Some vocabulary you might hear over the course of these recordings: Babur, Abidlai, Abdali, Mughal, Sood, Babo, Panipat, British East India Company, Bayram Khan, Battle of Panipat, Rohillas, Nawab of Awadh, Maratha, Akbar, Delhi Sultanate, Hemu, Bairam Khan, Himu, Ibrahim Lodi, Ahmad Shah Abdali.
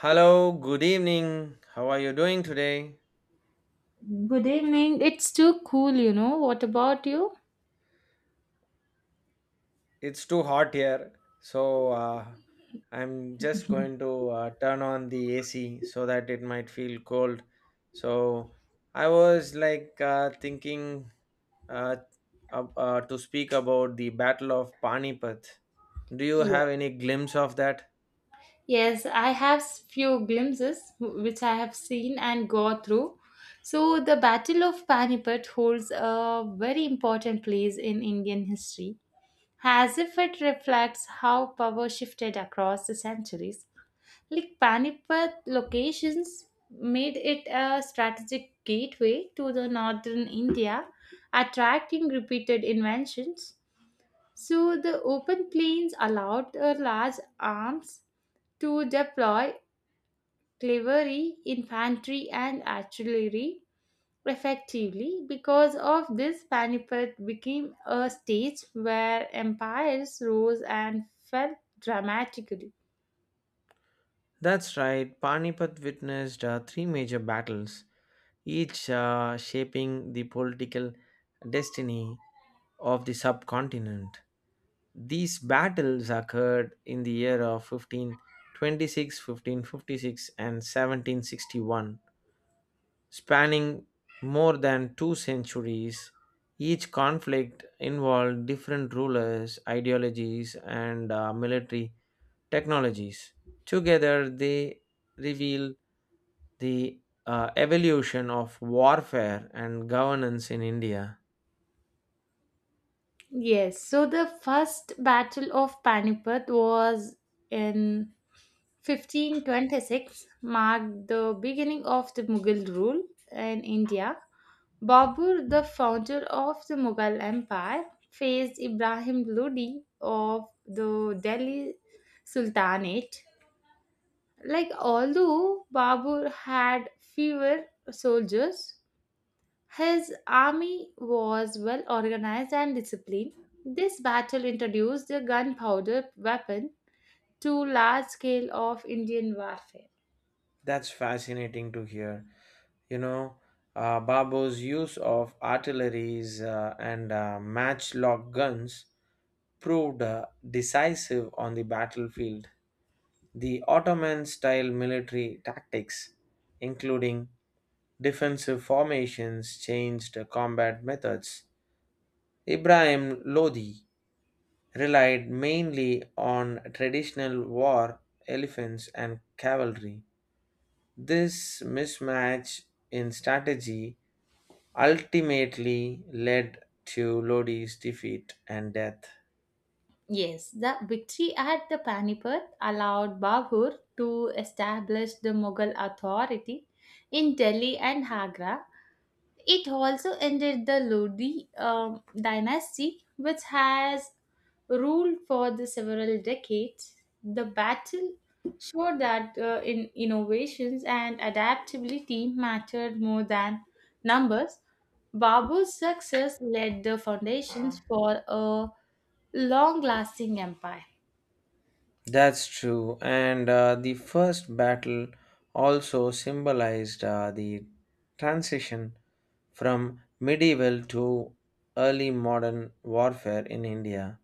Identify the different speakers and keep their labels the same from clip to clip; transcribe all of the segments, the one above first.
Speaker 1: Hello, good evening. How are you doing today?
Speaker 2: Good evening. It's too cool, you know. What about you?
Speaker 1: It's too hot here, so I'm just going to turn on the AC so that it might feel cold. So I was thinking uh, to speak about the Battle of Panipat. Do you
Speaker 2: Yeah.
Speaker 1: have any glimpse of that?
Speaker 2: Yes, I have few glimpses which I have seen and go through. So, the Battle of Panipat holds a very important place in Indian history, as if it reflects how power shifted across the centuries. Like Panipat locations made it a strategic gateway to the northern India, attracting repeated inventions. So the open plains allowed the large arms to deploy cavalry, infantry, and artillery effectively. Because of this, Panipat became a stage where empires rose and fell dramatically.
Speaker 1: That's right. Panipat witnessed three major battles, each shaping the political destiny of the subcontinent. These battles occurred in the year of 1526, 1556, and 1761, spanning more than two centuries. Each conflict involved different rulers, ideologies, and military technologies. Together, they reveal the evolution of warfare and governance in India.
Speaker 2: Yes, so the first battle of Panipat was in 1526, marked the beginning of the Mughal rule in India. Babur, the founder of the Mughal Empire, faced Ibrahim Lodi of the Delhi Sultanate. Like, although Babur had fewer soldiers, his army was well organized and disciplined. This battle introduced the gunpowder weapon to large scale of Indian warfare.
Speaker 1: That's fascinating to hear. you know Babo's use of artilleries and matchlock guns proved decisive on the battlefield. The Ottoman style military tactics, including defensive formations, changed combat methods. Ibrahim Lodi relied mainly on traditional war elephants and cavalry, this mismatch in strategy ultimately led to Lodi's defeat and death.
Speaker 2: Yes, the victory at the Panipat allowed Babur to establish the Mughal authority in Delhi and Agra. It also ended the Lodi dynasty, which has ruled for the several decades. The battle showed that in innovations and adaptability mattered more than numbers. Babu's success laid the foundations for a long-lasting empire.
Speaker 1: That's true. And the first battle also symbolized the transition from medieval to early modern warfare in India.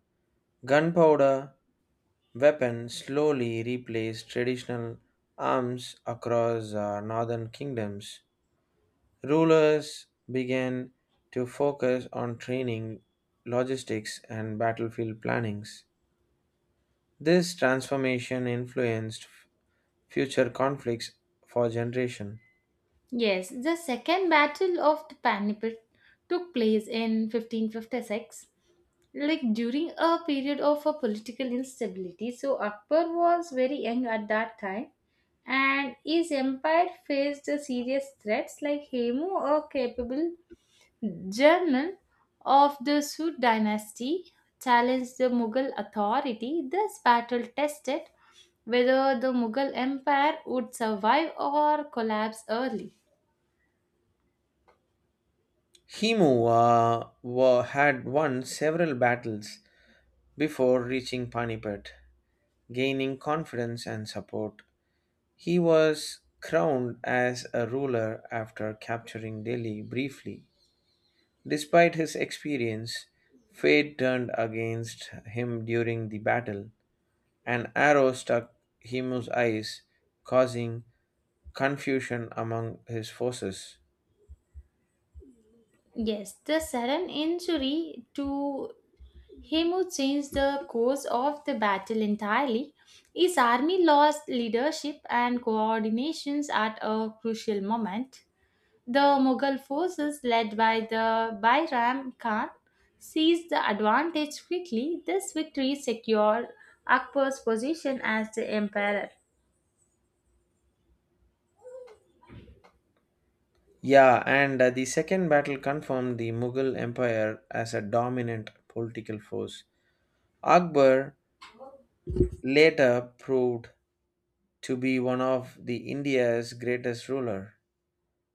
Speaker 1: Gunpowder weapons slowly replaced traditional arms across northern kingdoms. Rulers began to focus on training, logistics, and battlefield plannings. This transformation influenced future conflicts for generation.
Speaker 2: Yes, the Second Battle of the Panipat took place in 1556, like during a period of a political instability. So Akbar was very young at that time, and his empire faced a serious threats like Hemu, a capable general of the Sood dynasty, challenged the Mughal authority. This battle tested whether the Mughal empire would survive or collapse early.
Speaker 1: Himu had won several battles before reaching Panipat, gaining confidence and support. He was crowned as a ruler after capturing Delhi briefly. Despite his experience, fate turned against him during the battle. An arrow struck Himu's eyes, causing confusion among his forces.
Speaker 2: Yes, the sudden injury to him who changed the course of the battle entirely. His army lost leadership and coordinations at a crucial moment. The Mughal forces led by the Bairam Khan seized the advantage quickly. This victory secured Akbar's position as the emperor.
Speaker 1: Yeah, and the second battle confirmed the Mughal Empire as a dominant political force. Akbar later proved to be one of the India's greatest ruler.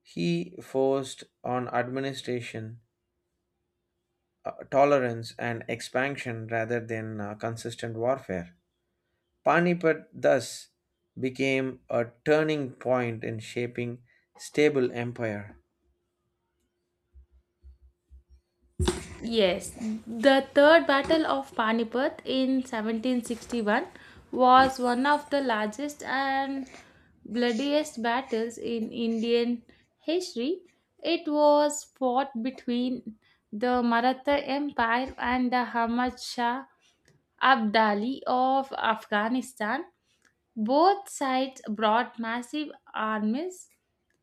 Speaker 1: He forced on administration, tolerance and expansion rather than consistent warfare. Panipat thus became a turning point in shaping stable empire.
Speaker 2: Yes, the Third Battle of Panipat in 1761 was one of the largest and bloodiest battles in Indian history. It was fought between the Maratha Empire and the Ahmad Shah Abdali of Afghanistan. Both sides brought massive armies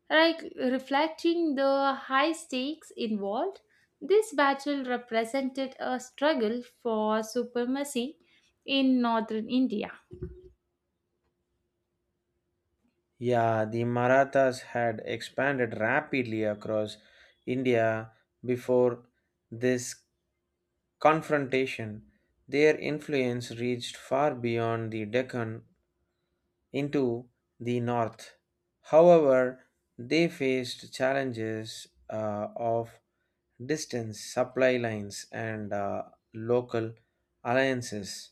Speaker 2: like reflecting the high stakes involved, this battle represented a struggle for supremacy in northern India.
Speaker 1: Yeah, the Marathas had expanded rapidly across India before this confrontation. Their influence reached far beyond the Deccan into the north. However, they faced challenges of distance, supply lines, and local alliances.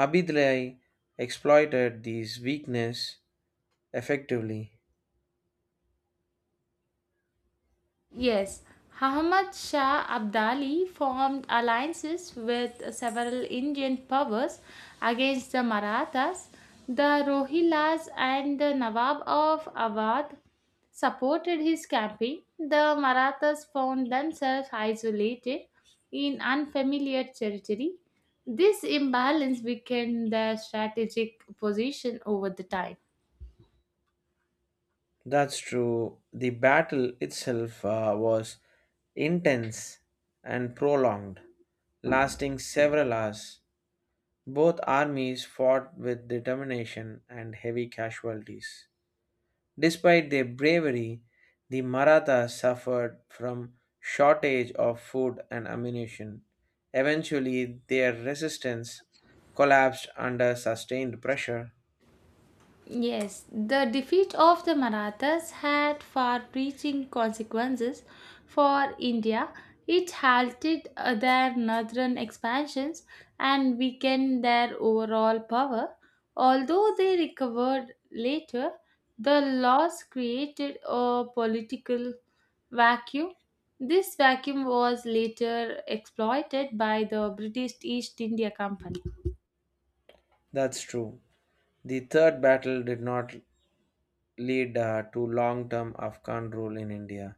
Speaker 1: Abidlai exploited these weakness effectively.
Speaker 2: Yes, Ahmad Shah Abdali formed alliances with several Indian powers against the Marathas. The Rohillas and the Nawab of Awadh supported his campaign. The Marathas found themselves isolated in unfamiliar territory. This imbalance weakened their strategic position over the time.
Speaker 1: That's true. The battle itself was intense and prolonged, lasting several hours. Both armies fought with determination and heavy casualties. Despite their bravery, the Marathas suffered from shortage of food and ammunition. Eventually, their resistance collapsed under sustained pressure.
Speaker 2: Yes, the defeat of the Marathas had far reaching consequences for India. It halted their northern expansions and weakened their overall power. Although they recovered later, the loss created a political vacuum. This vacuum was later exploited by the British East India Company.
Speaker 1: That's true. The third battle did not lead to long term Afghan rule in India.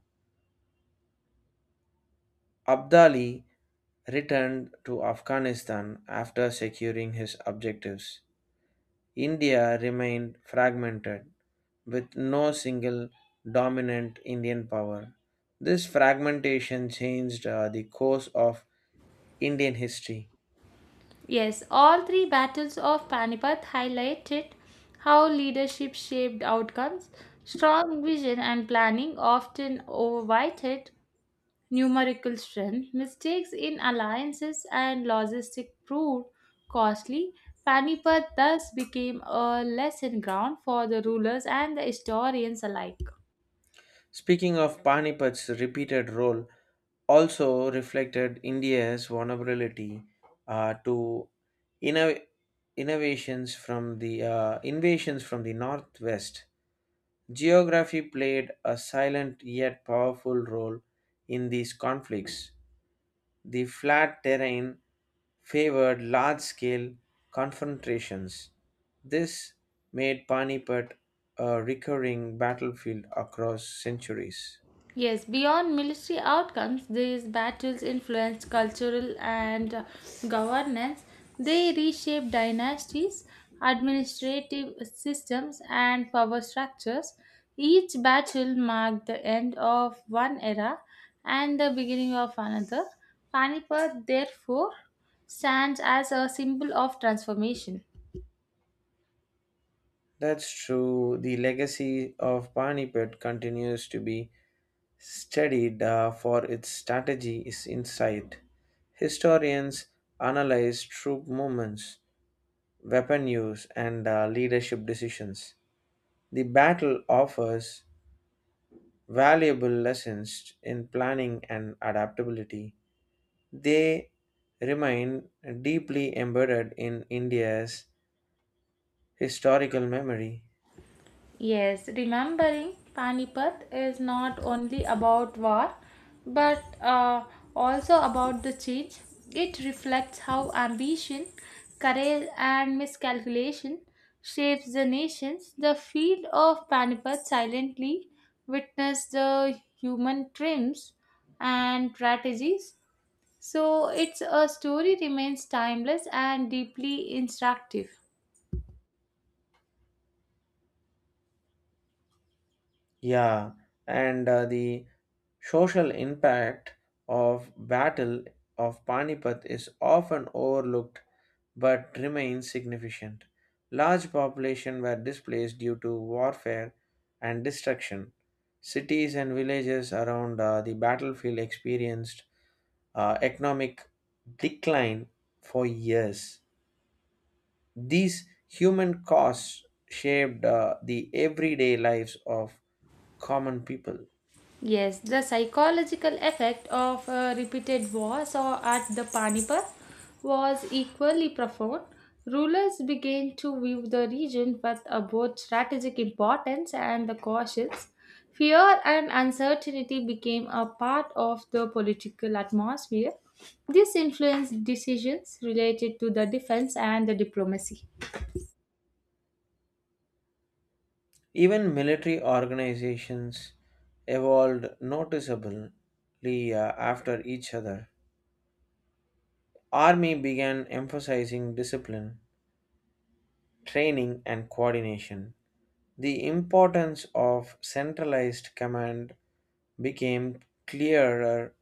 Speaker 1: Abdali returned to Afghanistan after securing his objectives. India remained fragmented, with no single dominant Indian power. This fragmentation changed the course of Indian history.
Speaker 2: Yes, all three battles of Panipat highlighted how leadership shaped outcomes. Strong vision and planning often overweighted numerical strength. Mistakes in alliances and logistics proved costly. Panipat thus became a lesson ground for the rulers and the historians alike.
Speaker 1: Speaking of Panipat's repeated role, also reflected India's vulnerability to inno- innovations from the invasions from the northwest. Geography played a silent yet powerful role in these conflicts. The flat terrain favored large scale confrontations. This made Panipat a recurring battlefield across centuries.
Speaker 2: Yes, beyond military outcomes, these battles influenced cultural and governance. They reshaped dynasties, administrative systems, and power structures. Each battle marked the end of one era and the beginning of another. Panipat, therefore, stands as a symbol of transformation.
Speaker 1: That's true. The legacy of Panipat continues to be studied for its strategy is insight. Historians analyze troop movements, weapon use, and leadership decisions. The battle offers valuable lessons in planning and adaptability. They remain deeply embedded in India's historical memory.
Speaker 2: Yes, remembering Panipat is not only about war but also about the change. It reflects how ambition, courage, and miscalculation shapes the nations. The field of Panipat silently witnessed the human trims and strategies. So, it's a story remains timeless and deeply instructive.
Speaker 1: Yeah, and the social impact of battle of Panipat is often overlooked but remains significant. Large population were displaced due to warfare and destruction. Cities and villages around the battlefield experienced economic decline for years. These human costs shaped the everyday lives of common people.
Speaker 2: Yes, the psychological effect of repeated wars or at the Panipat was equally profound. Rulers began to view the region with both strategic importance and the cautions. Fear and uncertainty became a part of the political atmosphere. This influenced decisions related to the defense and the diplomacy.
Speaker 1: Even military organizations evolved noticeably after each other. Army began emphasizing discipline, training, and coordination. The importance of centralized command became clearer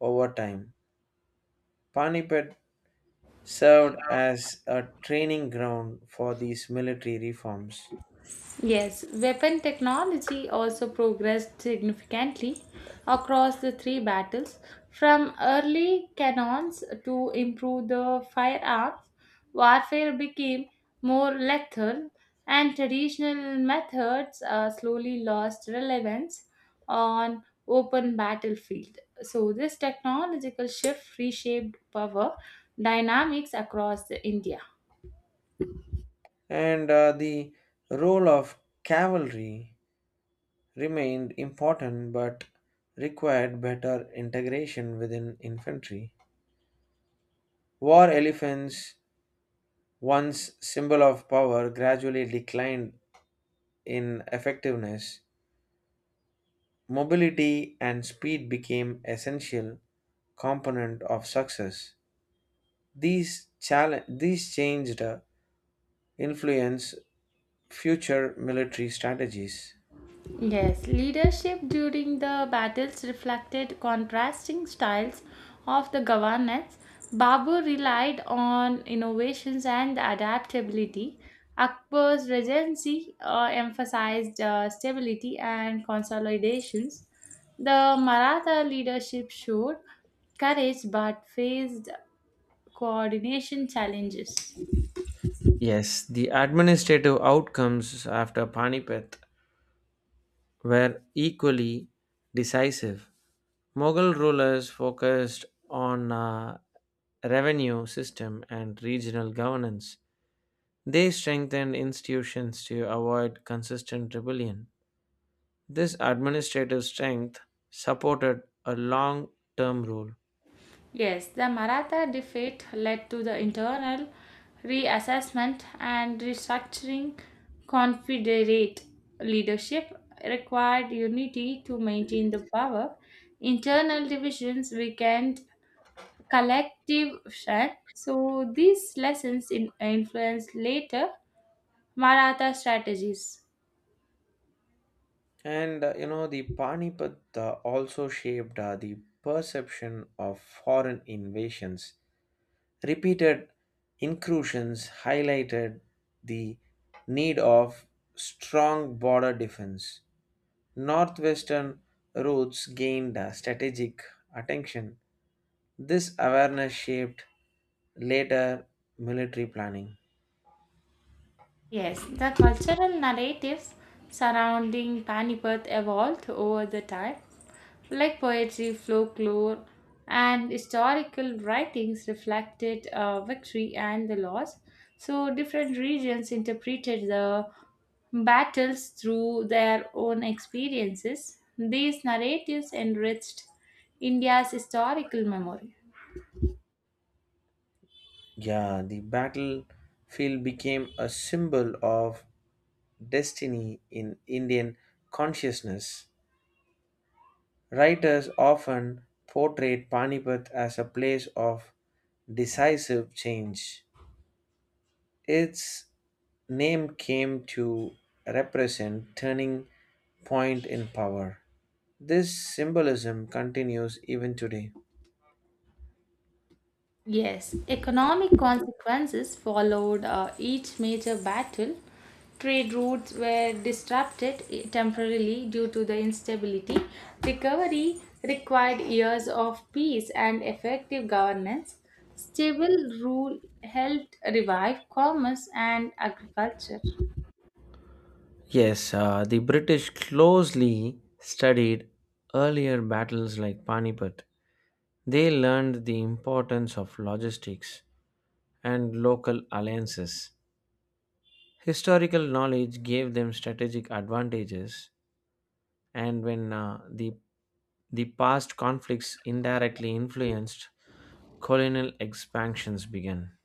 Speaker 1: over time. Panipat served as a training ground for these military reforms.
Speaker 2: Yes, weapon technology also progressed significantly across the three battles, from early cannons to improve the firearms. Warfare became more lethal, and traditional methods slowly lost relevance on open battlefield. So this technological shift reshaped power dynamics across the India.
Speaker 1: And the role of cavalry remained important but required better integration within infantry. War elephants, once symbol of power, gradually declined in effectiveness. Mobility and speed became essential component of success. These challenge these changed influence future military strategies.
Speaker 2: Yes, leadership during the battles reflected contrasting styles of the governance. Babur relied on innovations and adaptability. Akbar's regency emphasized stability and consolidations. The Maratha leadership showed courage but faced coordination challenges.
Speaker 1: Yes, the administrative outcomes after Panipat were equally decisive. Mughal rulers focused on revenue system and regional governance. They strengthened institutions to avoid consistent rebellion. This administrative strength supported a long-term rule.
Speaker 2: Yes, the Maratha defeat led to the internal reassessment and restructuring Confederate leadership required unity to maintain the power. Internal divisions weakened collective strength. So these lessons influenced later Maratha strategies.
Speaker 1: And the Panipat also shaped the perception of foreign invasions. Repeated incursions highlighted the need of strong border defense. Northwestern routes gained strategic attention. This awareness shaped later military planning.
Speaker 2: Yes, the cultural narratives surrounding Panipat evolved over the time, like poetry, folklore, and historical writings reflected victory and the loss. So, different regions interpreted the battles through their own experiences. These narratives enriched India's historical memory.
Speaker 1: Yeah, the battlefield became a symbol of destiny in Indian consciousness. Writers often portrayed Panipat as a place of decisive change. Its name came to represent turning point in power. This symbolism continues even today.
Speaker 2: Yes, economic consequences followed each major battle. Trade routes were disrupted temporarily due to the instability. Recovery required years of peace and effective governance. Stable rule helped revive commerce and agriculture.
Speaker 1: Yes, the British closely studied earlier battles like Panipat. They learned the importance of logistics, and local alliances. Historical knowledge gave them strategic advantages, and the past conflicts indirectly influenced colonial expansions began.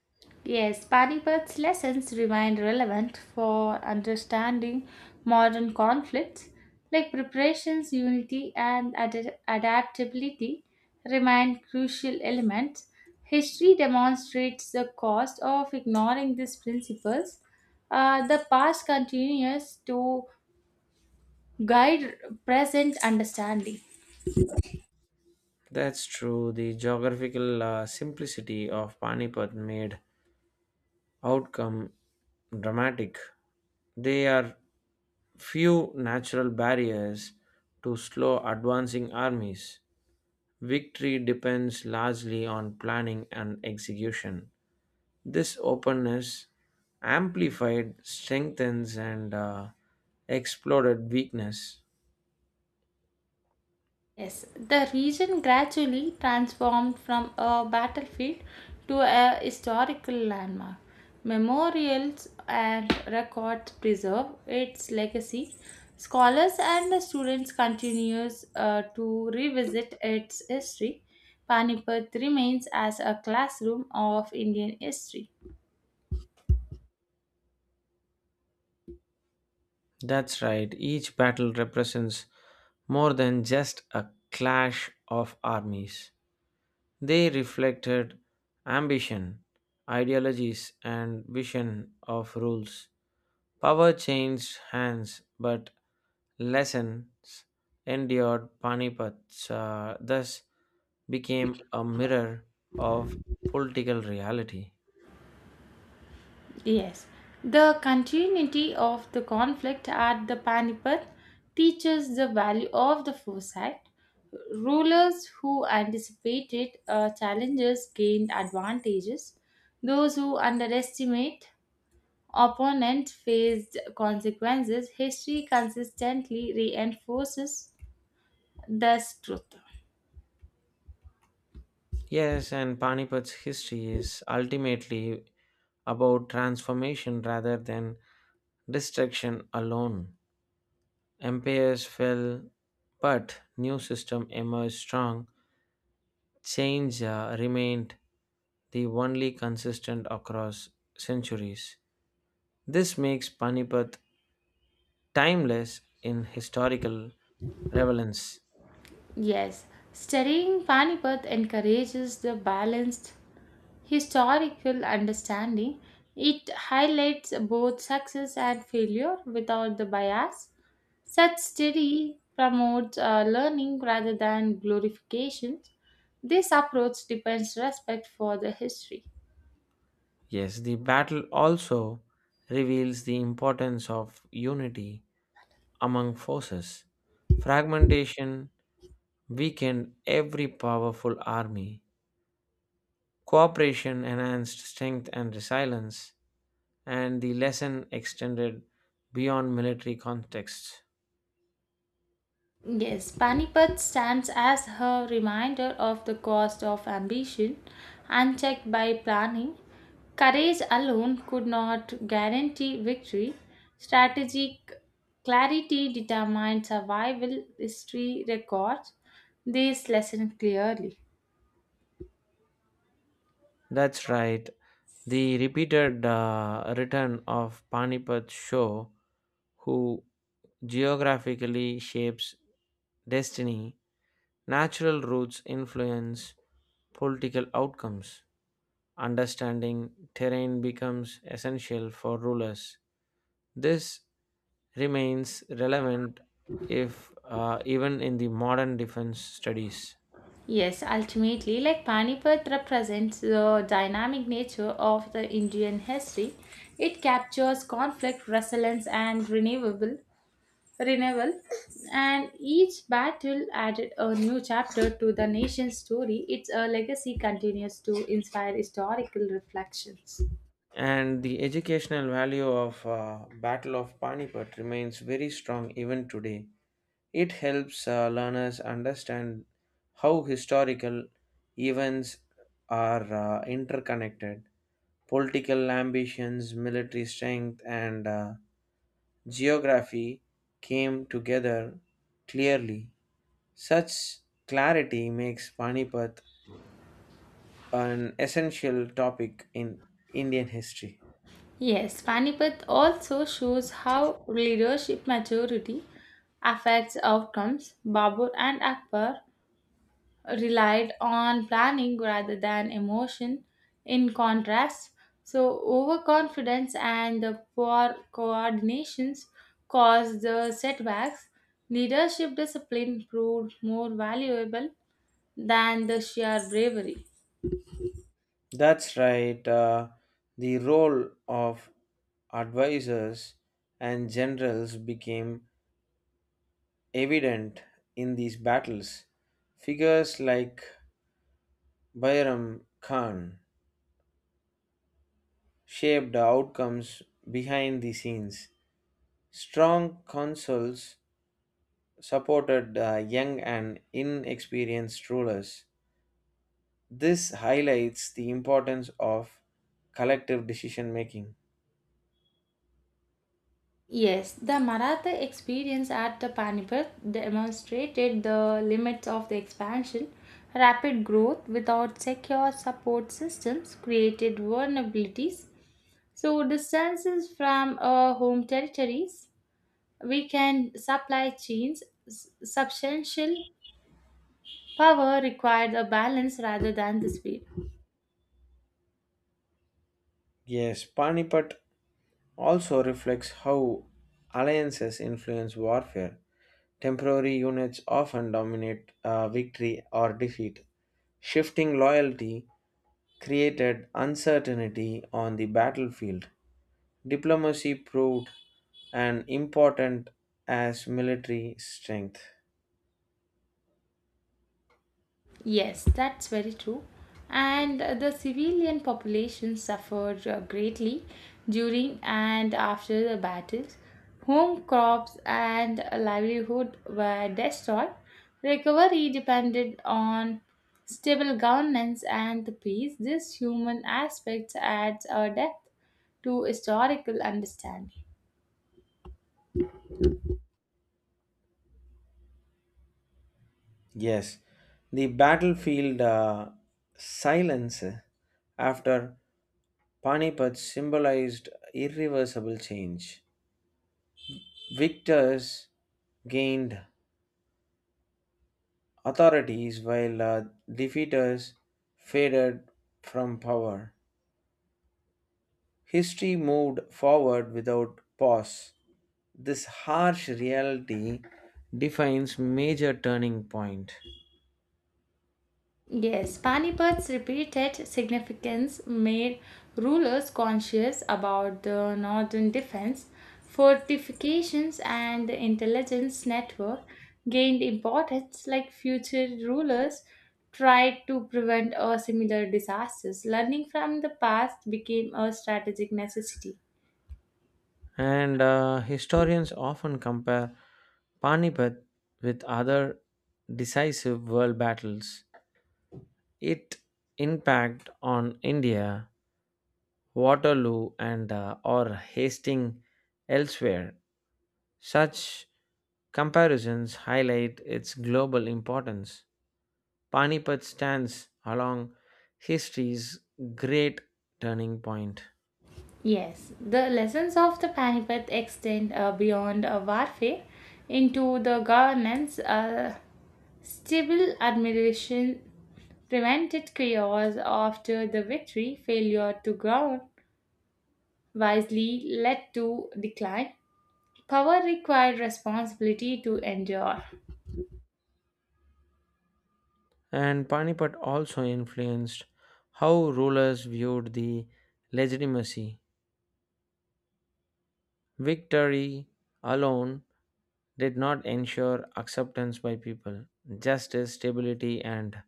Speaker 2: Yes, Panipad's lessons remain relevant for understanding modern conflicts, like preparations, unity, and adaptability remain crucial elements. History demonstrates the cost of ignoring these principles. The past continues to guide present understanding.
Speaker 1: That's true. The geographical simplicity of Panipat made outcome dramatic. There are few natural barriers to slow advancing armies. Victory depends largely on planning and execution. This openness amplified strengthens and exploded weakness.
Speaker 2: Yes, the region gradually transformed from a battlefield to a historical landmark. Memorials and records preserve its legacy. Scholars and the students continues to revisit its history. Panipat remains as a classroom of Indian history.
Speaker 1: That's right, each battle represents more than just a clash of armies. They reflected ambition, ideologies, and vision of rules. Power changed hands, but lessons endured. Panipat thus became a mirror of political reality.
Speaker 2: Yes, the continuity of the conflict at the Panipat teaches the value of the foresight. Rulers who anticipated challenges gained advantages. Those who underestimate opponents faced consequences. History consistently reinforces this truth.
Speaker 1: Yes, and Panipat's history is ultimately about transformation rather than destruction alone. Empires fell, but new system emerged strong change remained the only consistent across centuries. This makes Panipat timeless in historical relevance.
Speaker 2: Yes, studying Panipat encourages the balanced historical understanding. It highlights both success and failure without the bias. Such study promotes learning rather than glorification. This approach depends respect for the history.
Speaker 1: Yes, the battle also reveals the importance of unity among forces. Fragmentation weakened every powerful army. Cooperation enhanced strength and resilience, and the lesson extended beyond military contexts.
Speaker 2: Yes, Panipat stands as her reminder of the cost of ambition unchecked by planning. Courage alone could not guarantee victory. Strategic clarity determined survival history records this lesson clearly.
Speaker 1: That's right. The repeated return of Panipat Show, who geographically shapes destiny, natural routes influence political outcomes. Understanding terrain becomes essential for rulers. This remains relevant if even in the modern defense studies.
Speaker 2: Yes, ultimately, like Panipat represents the dynamic nature of the Indian history. It captures conflict, resilience, and renewable renewal, and each battle added a new chapter to the nation's story. Its legacy continues to inspire historical reflections.
Speaker 1: And the educational value of Battle of Panipat remains very strong even today. It helps learners understand how historical events are interconnected. Political ambitions, military strength, and geography came together clearly. Such clarity makes Panipat an essential topic in Indian history.
Speaker 2: Yes, Panipat also shows how leadership maturity affects outcomes. Babur and Akbar relied on planning rather than emotion. In contrast, so overconfidence and the poor coordinations caused the setbacks. Leadership discipline proved more valuable than the sheer bravery.
Speaker 1: That's right. The role of advisors and generals became evident in these battles. Figures like Bayram Khan shaped the outcomes behind the scenes. Strong consuls supported young and inexperienced rulers. This highlights the importance of collective decision making.
Speaker 2: Yes, the Maratha experience at the Panipat demonstrated the limits of the expansion. Rapid growth without secure support systems created vulnerabilities. So distances from home territories, we can supply chains substantial power required a balance rather than the speed.
Speaker 1: Yes, Panipat also reflects how alliances influence warfare. Temporary units often dominate victory or defeat. Shifting loyalty created uncertainty on the battlefield. Diplomacy proved an important as military strength.
Speaker 2: Yes, that's very true. And the civilian population suffered greatly during and after the battles. Home crops and livelihood were destroyed. Recovery depended on stable governance and the peace. This human aspect adds a depth to historical understanding.
Speaker 1: Yes, the battlefield silence after Panipat symbolized irreversible change. Victors gained authorities while defeaters faded from power. History moved forward without pause. This harsh reality defines major turning point.
Speaker 2: Yes, Panipat's repeated significance made rulers conscious about the northern defense, fortifications, and the intelligence network gained importance like future rulers tried to prevent a similar disasters. Learning from the past became a strategic necessity.
Speaker 1: And historians often compare Panipat with other decisive world battles. Its impact on India Waterloo and or Hastings elsewhere. Such comparisons highlight its global importance. Panipat stands along history's great turning point,
Speaker 2: Yes, the lessons of the Panipat extend beyond warfare into the governance, stable administration prevented chaos after the victory, failure to govern wisely led to decline. Power required responsibility to endure.
Speaker 1: And Panipat also influenced how rulers viewed the legitimacy Victory alone did not ensure acceptance by people. Justice, stability, and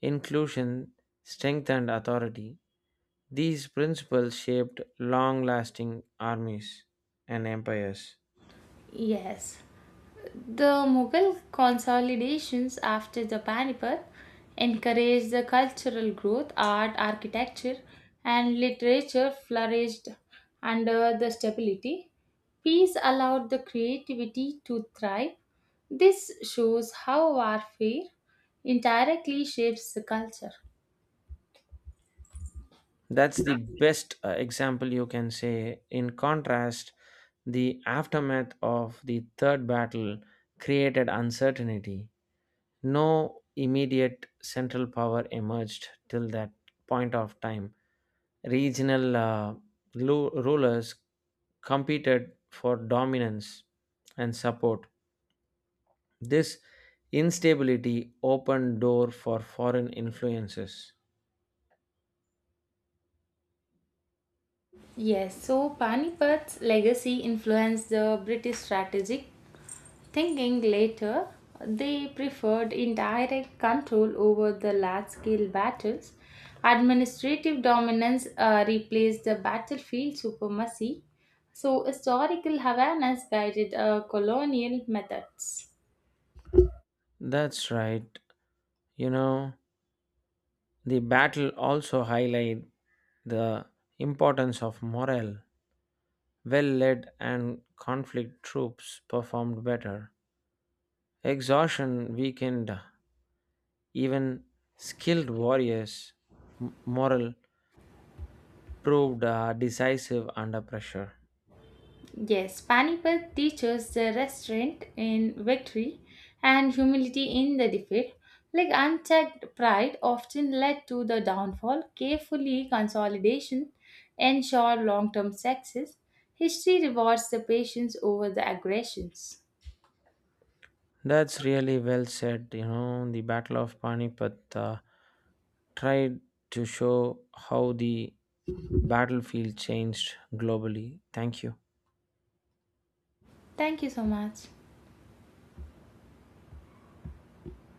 Speaker 1: inclusion strengthened authority. These principles shaped long lasting armies and empires.
Speaker 2: Yes. The Mughal consolidations after the Panipat encouraged the cultural growth, art, architecture, and literature flourished under the stability. Peace allowed the creativity to thrive. This shows how warfare indirectly shapes the culture.
Speaker 1: That's the best example you can say. In contrast, the aftermath of the third battle created uncertainty. No immediate central power emerged till that point of time. Regional rulers competed for dominance and support. This instability opened door for foreign influences.
Speaker 2: Yes, so Panipat's legacy influenced the British strategic thinking later, they preferred indirect control over the large scale battles. Administrative dominance replaced the battlefield supremacy. So, historical Havanas guided colonial methods.
Speaker 1: That's right. You know, the battle also highlighted the importance of morale. Well led and conflict troops performed better. Exhaustion weakened even skilled warriors' morale proved decisive under pressure.
Speaker 2: Yes, Panipat teaches the restraint in victory and humility in the defeat. Like unchecked pride often led to the downfall, carefully consolidation ensure long-term success. History rewards the patience over the aggressions.
Speaker 1: That's really well said. You know, the Battle of Panipat tried to show how the battlefield changed globally. Thank you.
Speaker 2: Thank you so much.